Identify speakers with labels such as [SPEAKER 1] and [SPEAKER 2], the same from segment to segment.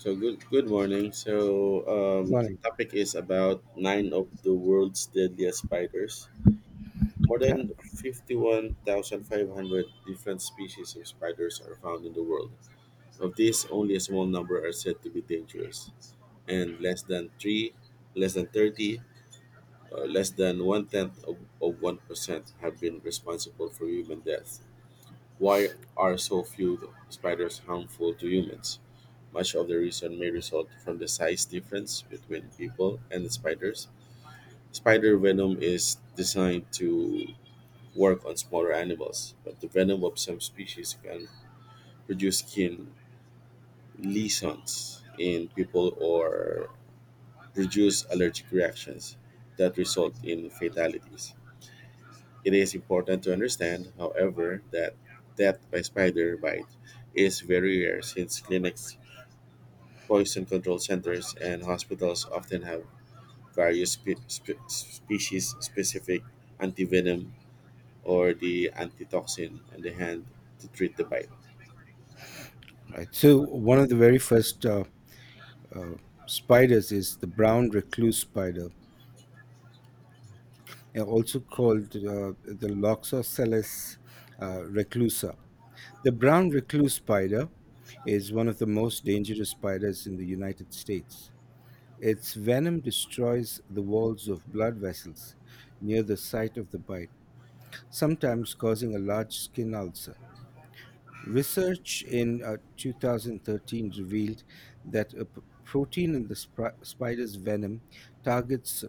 [SPEAKER 1] So good morning.
[SPEAKER 2] Morning.
[SPEAKER 1] Topic is about nine of the world's deadliest spiders. More
[SPEAKER 2] Yeah.
[SPEAKER 1] than 51,500 different species of spiders are found in the world. Of these, only a small number are said to be dangerous, and less than 30, uh, less than one tenth of 1% have been responsible for human death. Why are so few spiders harmful to humans? Much of the reason may result from the size difference between people and the spiders. Spider venom is designed to work on smaller animals, but the venom of some species can produce skin lesions in people or produce allergic reactions that result in fatalities. It is important to understand, however, that death by spider bite is very rare since clinics, poison control centers, and hospitals often have various species specific antivenom or the antitoxin on the hand to treat the bite.
[SPEAKER 2] Right. So one of the very first uh, spiders is the brown recluse spider, also called the Loxosceles reclusa. The brown recluse spider is one of the most dangerous spiders in the United States. Its venom destroys the walls of blood vessels near the site of the bite, sometimes causing a large skin ulcer. Research in 2013 revealed that a protein in the spider's venom targets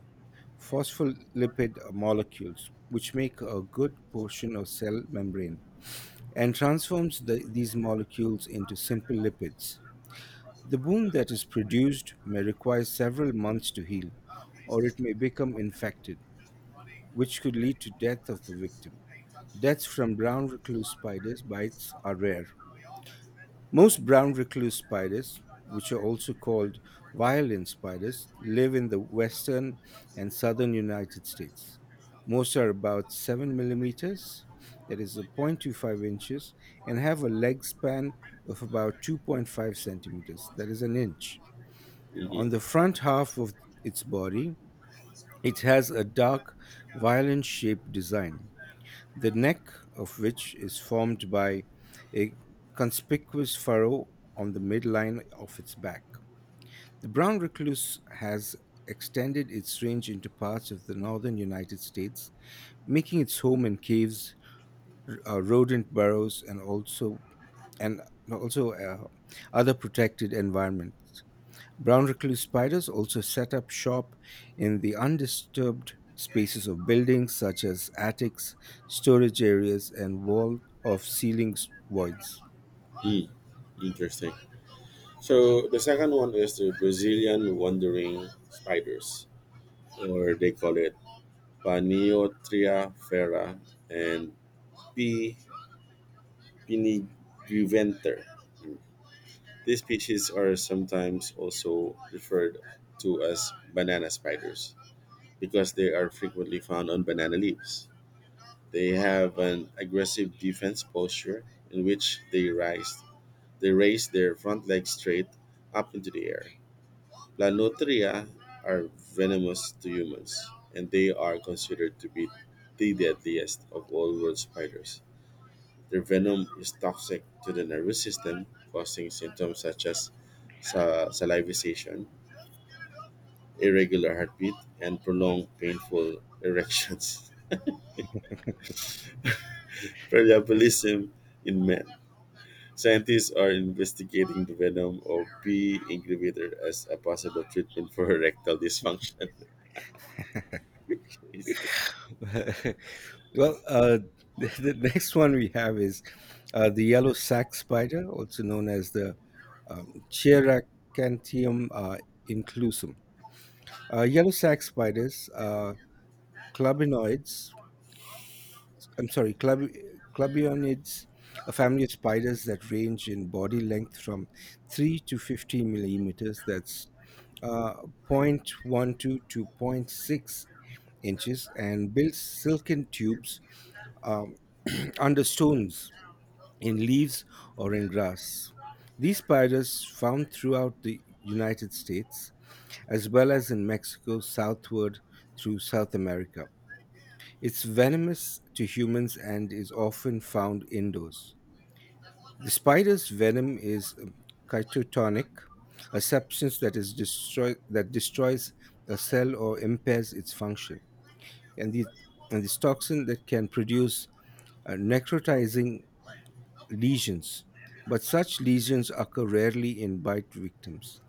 [SPEAKER 2] phospholipid molecules, which make a good portion of cell membrane, and transforms these molecules into simple lipids. The wound that is produced may require several months to heal, or it may become infected, which could lead to death of the victim. Deaths from brown recluse spiders bites are rare. Most brown recluse spiders, which are also called violin spiders, live in the western and southern United States. Most are about 7 millimeters, that is 0.25 inches, and have a leg span of about 2.5 centimeters, that is an inch. On
[SPEAKER 1] Mhm.
[SPEAKER 2] the front half of its body, it has a dark violin shaped design the neck of which is formed by a conspicuous furrow on the midline of its back. The brown recluse has extended its range into parts of the northern United States, making its home in caves, rodent burrows, and also other protected environments. Brown recluse spiders also set up shop in the undisturbed spaces of buildings such as attics, storage areas, and wall of ceiling voids.
[SPEAKER 1] Mm, interesting. So the second one is the Brazilian wandering spiders, or they call it Paniotria ferra and P. pinigiventer. These species are sometimes also referred to as banana spiders because they are frequently found on banana leaves. They have an aggressive defense posture in which they raise their front legs straight up into the air. Planotria are venomous to humans, and they are considered to be the deadliest of all world spiders. Their venom is toxic to the nervous system, causing symptoms such as salivation, irregular heartbeat, and prolonged painful erections. Parallelism in men. Scientists are investigating the venom of P. incubator as a possible treatment for erectile dysfunction. It's
[SPEAKER 2] Well, uh, the next one we have is the yellow sac spider, also known as the um, Cheracantium inclusum. Yellow sac spiders are clubinoids I'm sorry, club, clubionids, a family of spiders that range in body length from 3 to 50 millimeters, that's uh, 0.12 to 0. 0.6 inches, and builds silken tubes um, under stones, in leaves, or in grass. These spiders, found throughout the United States as well as in Mexico southward through South America. It's venomous to humans and is often found indoors. The spider's venom is chitotonic, a substance that is destroy that destroys a cell or impairs its function. And the and this toxin that can produce necrotizing lesions, but such lesions occur rarely in bite victims.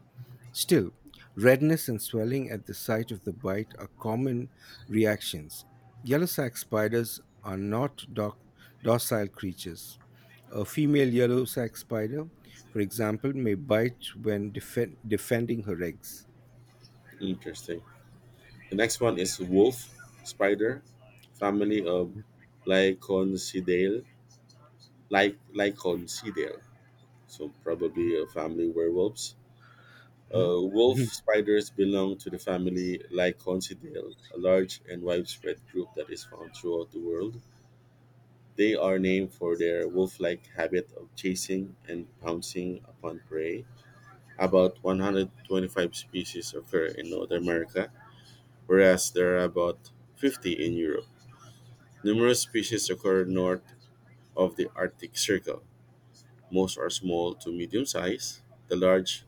[SPEAKER 2] Still, redness and swelling at the site of the bite are common reactions. Yellow sac spiders are not docile creatures. A female yellow sac spider, for example, may bite when defending her eggs.
[SPEAKER 1] interesting. The next one is wolf spider, family of Lyconcidae. Lyconcidae. So probably a family werewolves.
[SPEAKER 2] Hmm?
[SPEAKER 1] Wolf
[SPEAKER 2] Mhm.
[SPEAKER 1] spiders belong to the family Lyconcidae, a large and widespread group that is found throughout the world. They are named for their wolf-like habit of chasing and pouncing upon prey. About 125 species occur in North America, whereas there are about 50 in Europe. Numerous species occur north of the Arctic Circle. Most are small to medium size. The large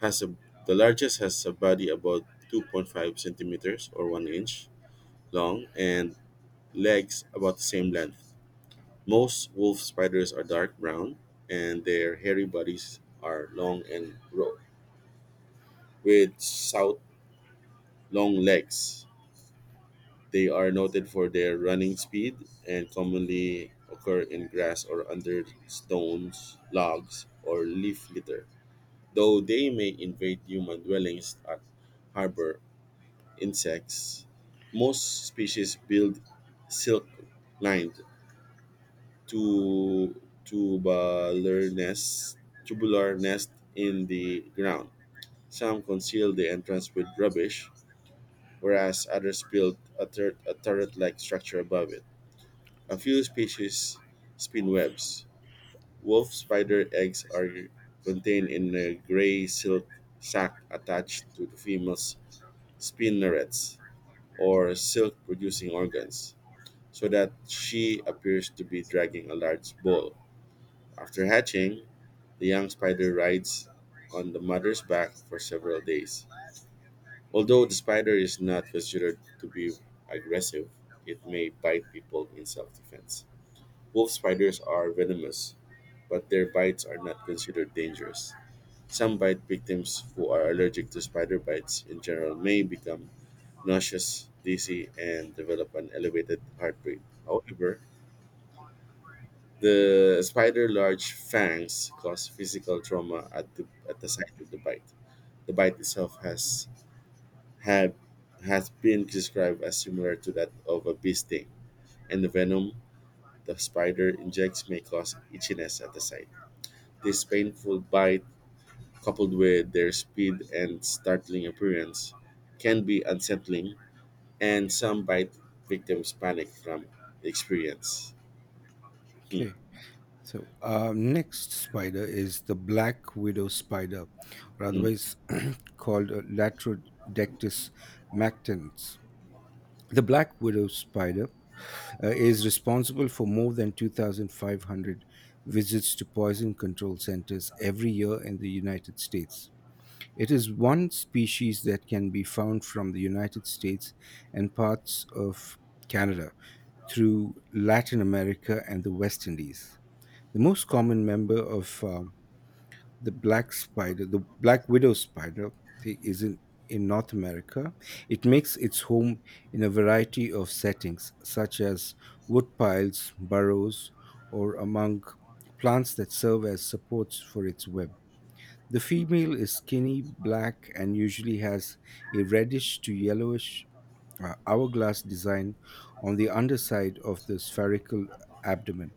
[SPEAKER 1] has a the largest has a body about 2.5 centimeters or 1 inch long and legs about the same length. Most wolf spiders are dark brown and their hairy bodies are long with stout long legs. They are noted for their running speed and commonly occur in grass or under stones, logs, or leaf litter. Though they may invade human dwellings and harbor insects, most species build silk-lined tu- tubular nests, tubular nest in the ground. Some conceal the entrance with rubbish, whereas others build a turret-like structure above it. A few species spin webs. Wolf spider eggs are contained in a gray silk sac attached to the female's spinnerets or silk producing organs, so that she appears to be dragging a large ball. After hatching, the young spider rides on the mother's back for several days. Although the spider is not considered to be aggressive, it may bite people in self defense. Wolf spiders are venomous, but their bites are not considered dangerous. Some bite victims who are allergic to spider bites in general may become nauseous, dizzy, and develop an elevated heart rate. However, the spider large fangs cause physical trauma at the site of the bite. The bite itself had has been described as similar to that of a bee sting, and the venom the spider injects may cause itchiness at the site. This painful bite coupled with their speed and startling appearance, can be unsettling, and some bite victims panic from the experience. Hmm,
[SPEAKER 2] Okay. So, our next spider is the black widow spider, or
[SPEAKER 1] mm,
[SPEAKER 2] otherwise called Latrodectus mactans. The black widow spider is responsible for more than 2,500 visits to poison control centers every year in the United States. It is one species that can be found from the United States and parts of Canada through Latin America and the West Indies. The most common member of the black widow spider, thi- is in, in North America. It makes its home in a variety of settings, such as wood piles, burrows, or among plants that serve as supports for its web. The female is skinny, black, and usually has a reddish to yellowish hourglass design on the underside of the spherical abdomen.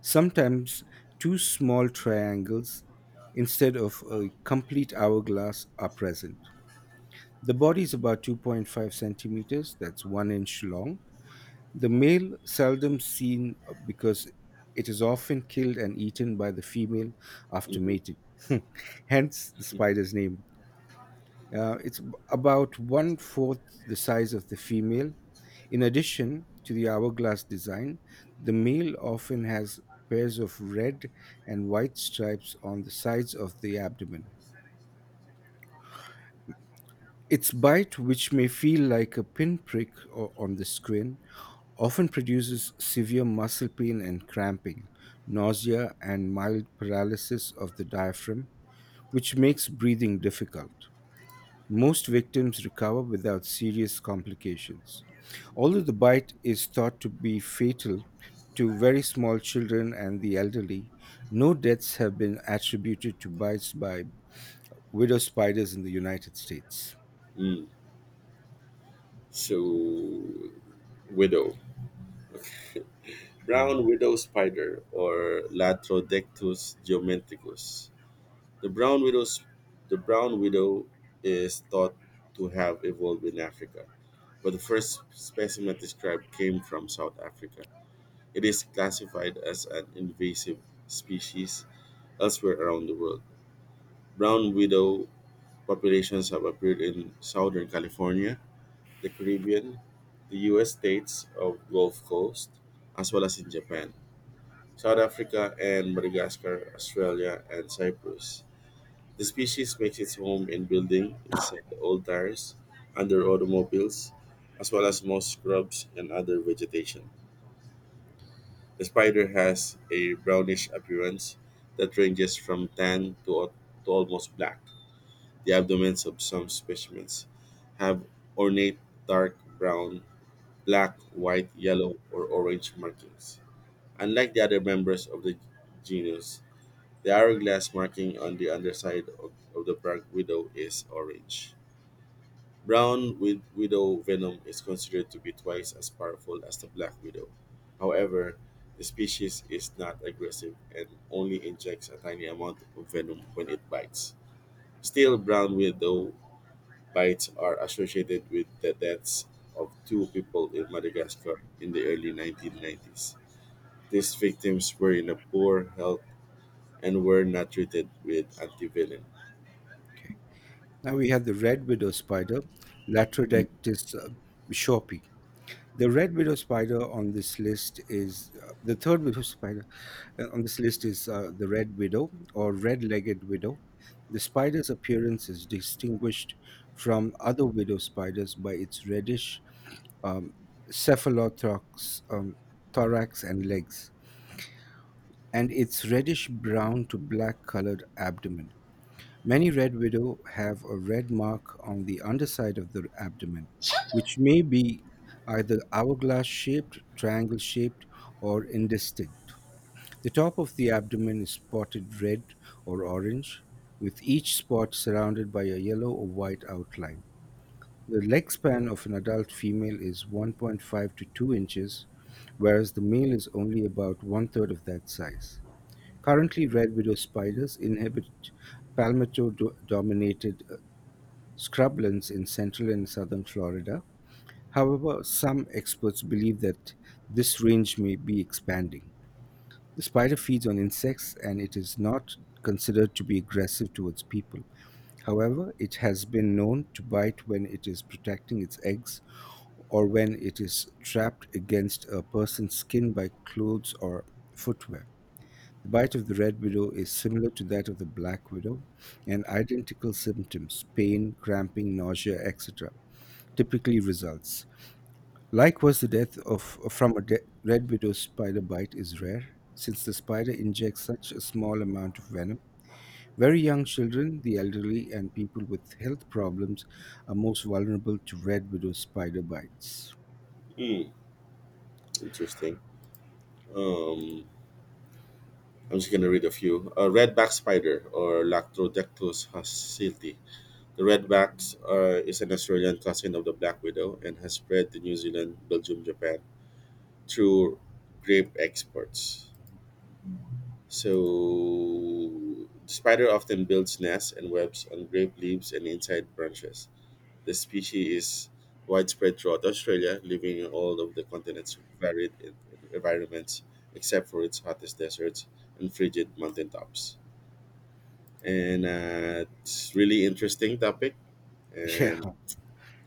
[SPEAKER 2] Sometimes two small triangles instead of a complete hourglass are present. The body is about 2.5 centimeters, that's one inch long. The male seldom seen because it is often killed and eaten by the female after
[SPEAKER 1] mm,
[SPEAKER 2] mating. Hence the
[SPEAKER 1] mm,
[SPEAKER 2] spider's name. It's about one fourth the size of the female. In addition to the hourglass design, the male often has pairs of red and white stripes on the sides of the abdomen. Its bite, which may feel like a pinprick on the skin, often produces severe muscle pain and cramping, nausea, and mild paralysis of the diaphragm, which makes breathing difficult. Most victims recover without serious complications. Although the bite is thought to be fatal to very small children and the elderly, no deaths have been attributed to bites by widow spiders in the United States.
[SPEAKER 1] mm. So, widow.
[SPEAKER 2] Hmm.
[SPEAKER 1] Brown widow spider or Latrodectus geometricus. The brown widow's the brown widow is thought to have evolved in Africa, but the first specimen described came from South Africa. It is classified as an invasive species elsewhere around the world. Brown widow populations have appeared in southern California, the Caribbean, the US states of Gulf Coast, as well as in Japan, South Africa and Madagascar, Australia and Cyprus. The species makes its home in building, inside the old tires, under automobiles, as well as most shrubs and other vegetation. The spider has a brownish appearance that ranges from to almost black. The abdomens of some specimens have ornate dark brown, black, white, yellow, or orange markings. Unlike the other members of the genus, the hourglass marking on the underside of the bark widow is orange. Widow venom is considered to be twice as powerful as the black widow. However, the species is not aggressive and only injects a tiny amount of venom when it bites. Still, brown widow bites are associated with the deaths of 2 people in Madagascar in the early 1990s. These victims were in a poor health and were not treated with antivenom.
[SPEAKER 2] Okay. Now we have the red widow spider, Latrodectis bishopii. The red widow spider on this list is the third widow spider on this list is the red widow or red-legged widow. The spider's appearance is distinguished from other widow spiders by its reddish um, cephalothorax, thorax and legs, and its reddish brown to black colored abdomen. Many red widow have a red mark on the underside of the abdomen, which may be either hourglass shaped, triangle shaped, or indistinct. The top of the abdomen is spotted red or orange, with each spot surrounded by a yellow or white outline. The leg span of an adult female is 1.5 to 2 inches, whereas the male is only about one third of that size. Currently, red widow spiders inhabit palmetto-dominated scrublands in central and southern Florida. However, some experts believe that this range may be expanding. The spider feeds on insects and it is not considered to be aggressive towards people. However, it has been known to bite when it is protecting its eggs or when it is trapped against a person's skin by clothes or footwear. The bite of the red widow is similar to that of the black widow and identical symptoms pain, cramping, nausea, etc. typically results. Likewise, the death from a red widow spider bite is rare since the spider injects such a small amount of venom. Very young children, the elderly, and people with health problems are most vulnerable to red widow spider bites.
[SPEAKER 1] Hmm, interesting. Um, I'm just gonna read a few. Redback spider or Lactrodectus hacilti. The redbacks is an Australian cousin of the black widow and has spread to New Zealand, Belgium, Japan through grape exports. So, the spider often builds nests and webs on grape leaves and inside branches. The species is widespread throughout Australia, living in all of the continent's varied environments except for its hottest deserts and frigid mountaintops. And it's really interesting topic
[SPEAKER 2] Yeah,
[SPEAKER 1] and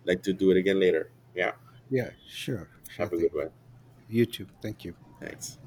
[SPEAKER 1] like to do it again later. Yeah,
[SPEAKER 2] yeah, sure, sure
[SPEAKER 1] have a good
[SPEAKER 2] thing.
[SPEAKER 1] one.
[SPEAKER 2] You too. Thank you. Bye.
[SPEAKER 1] Thanks.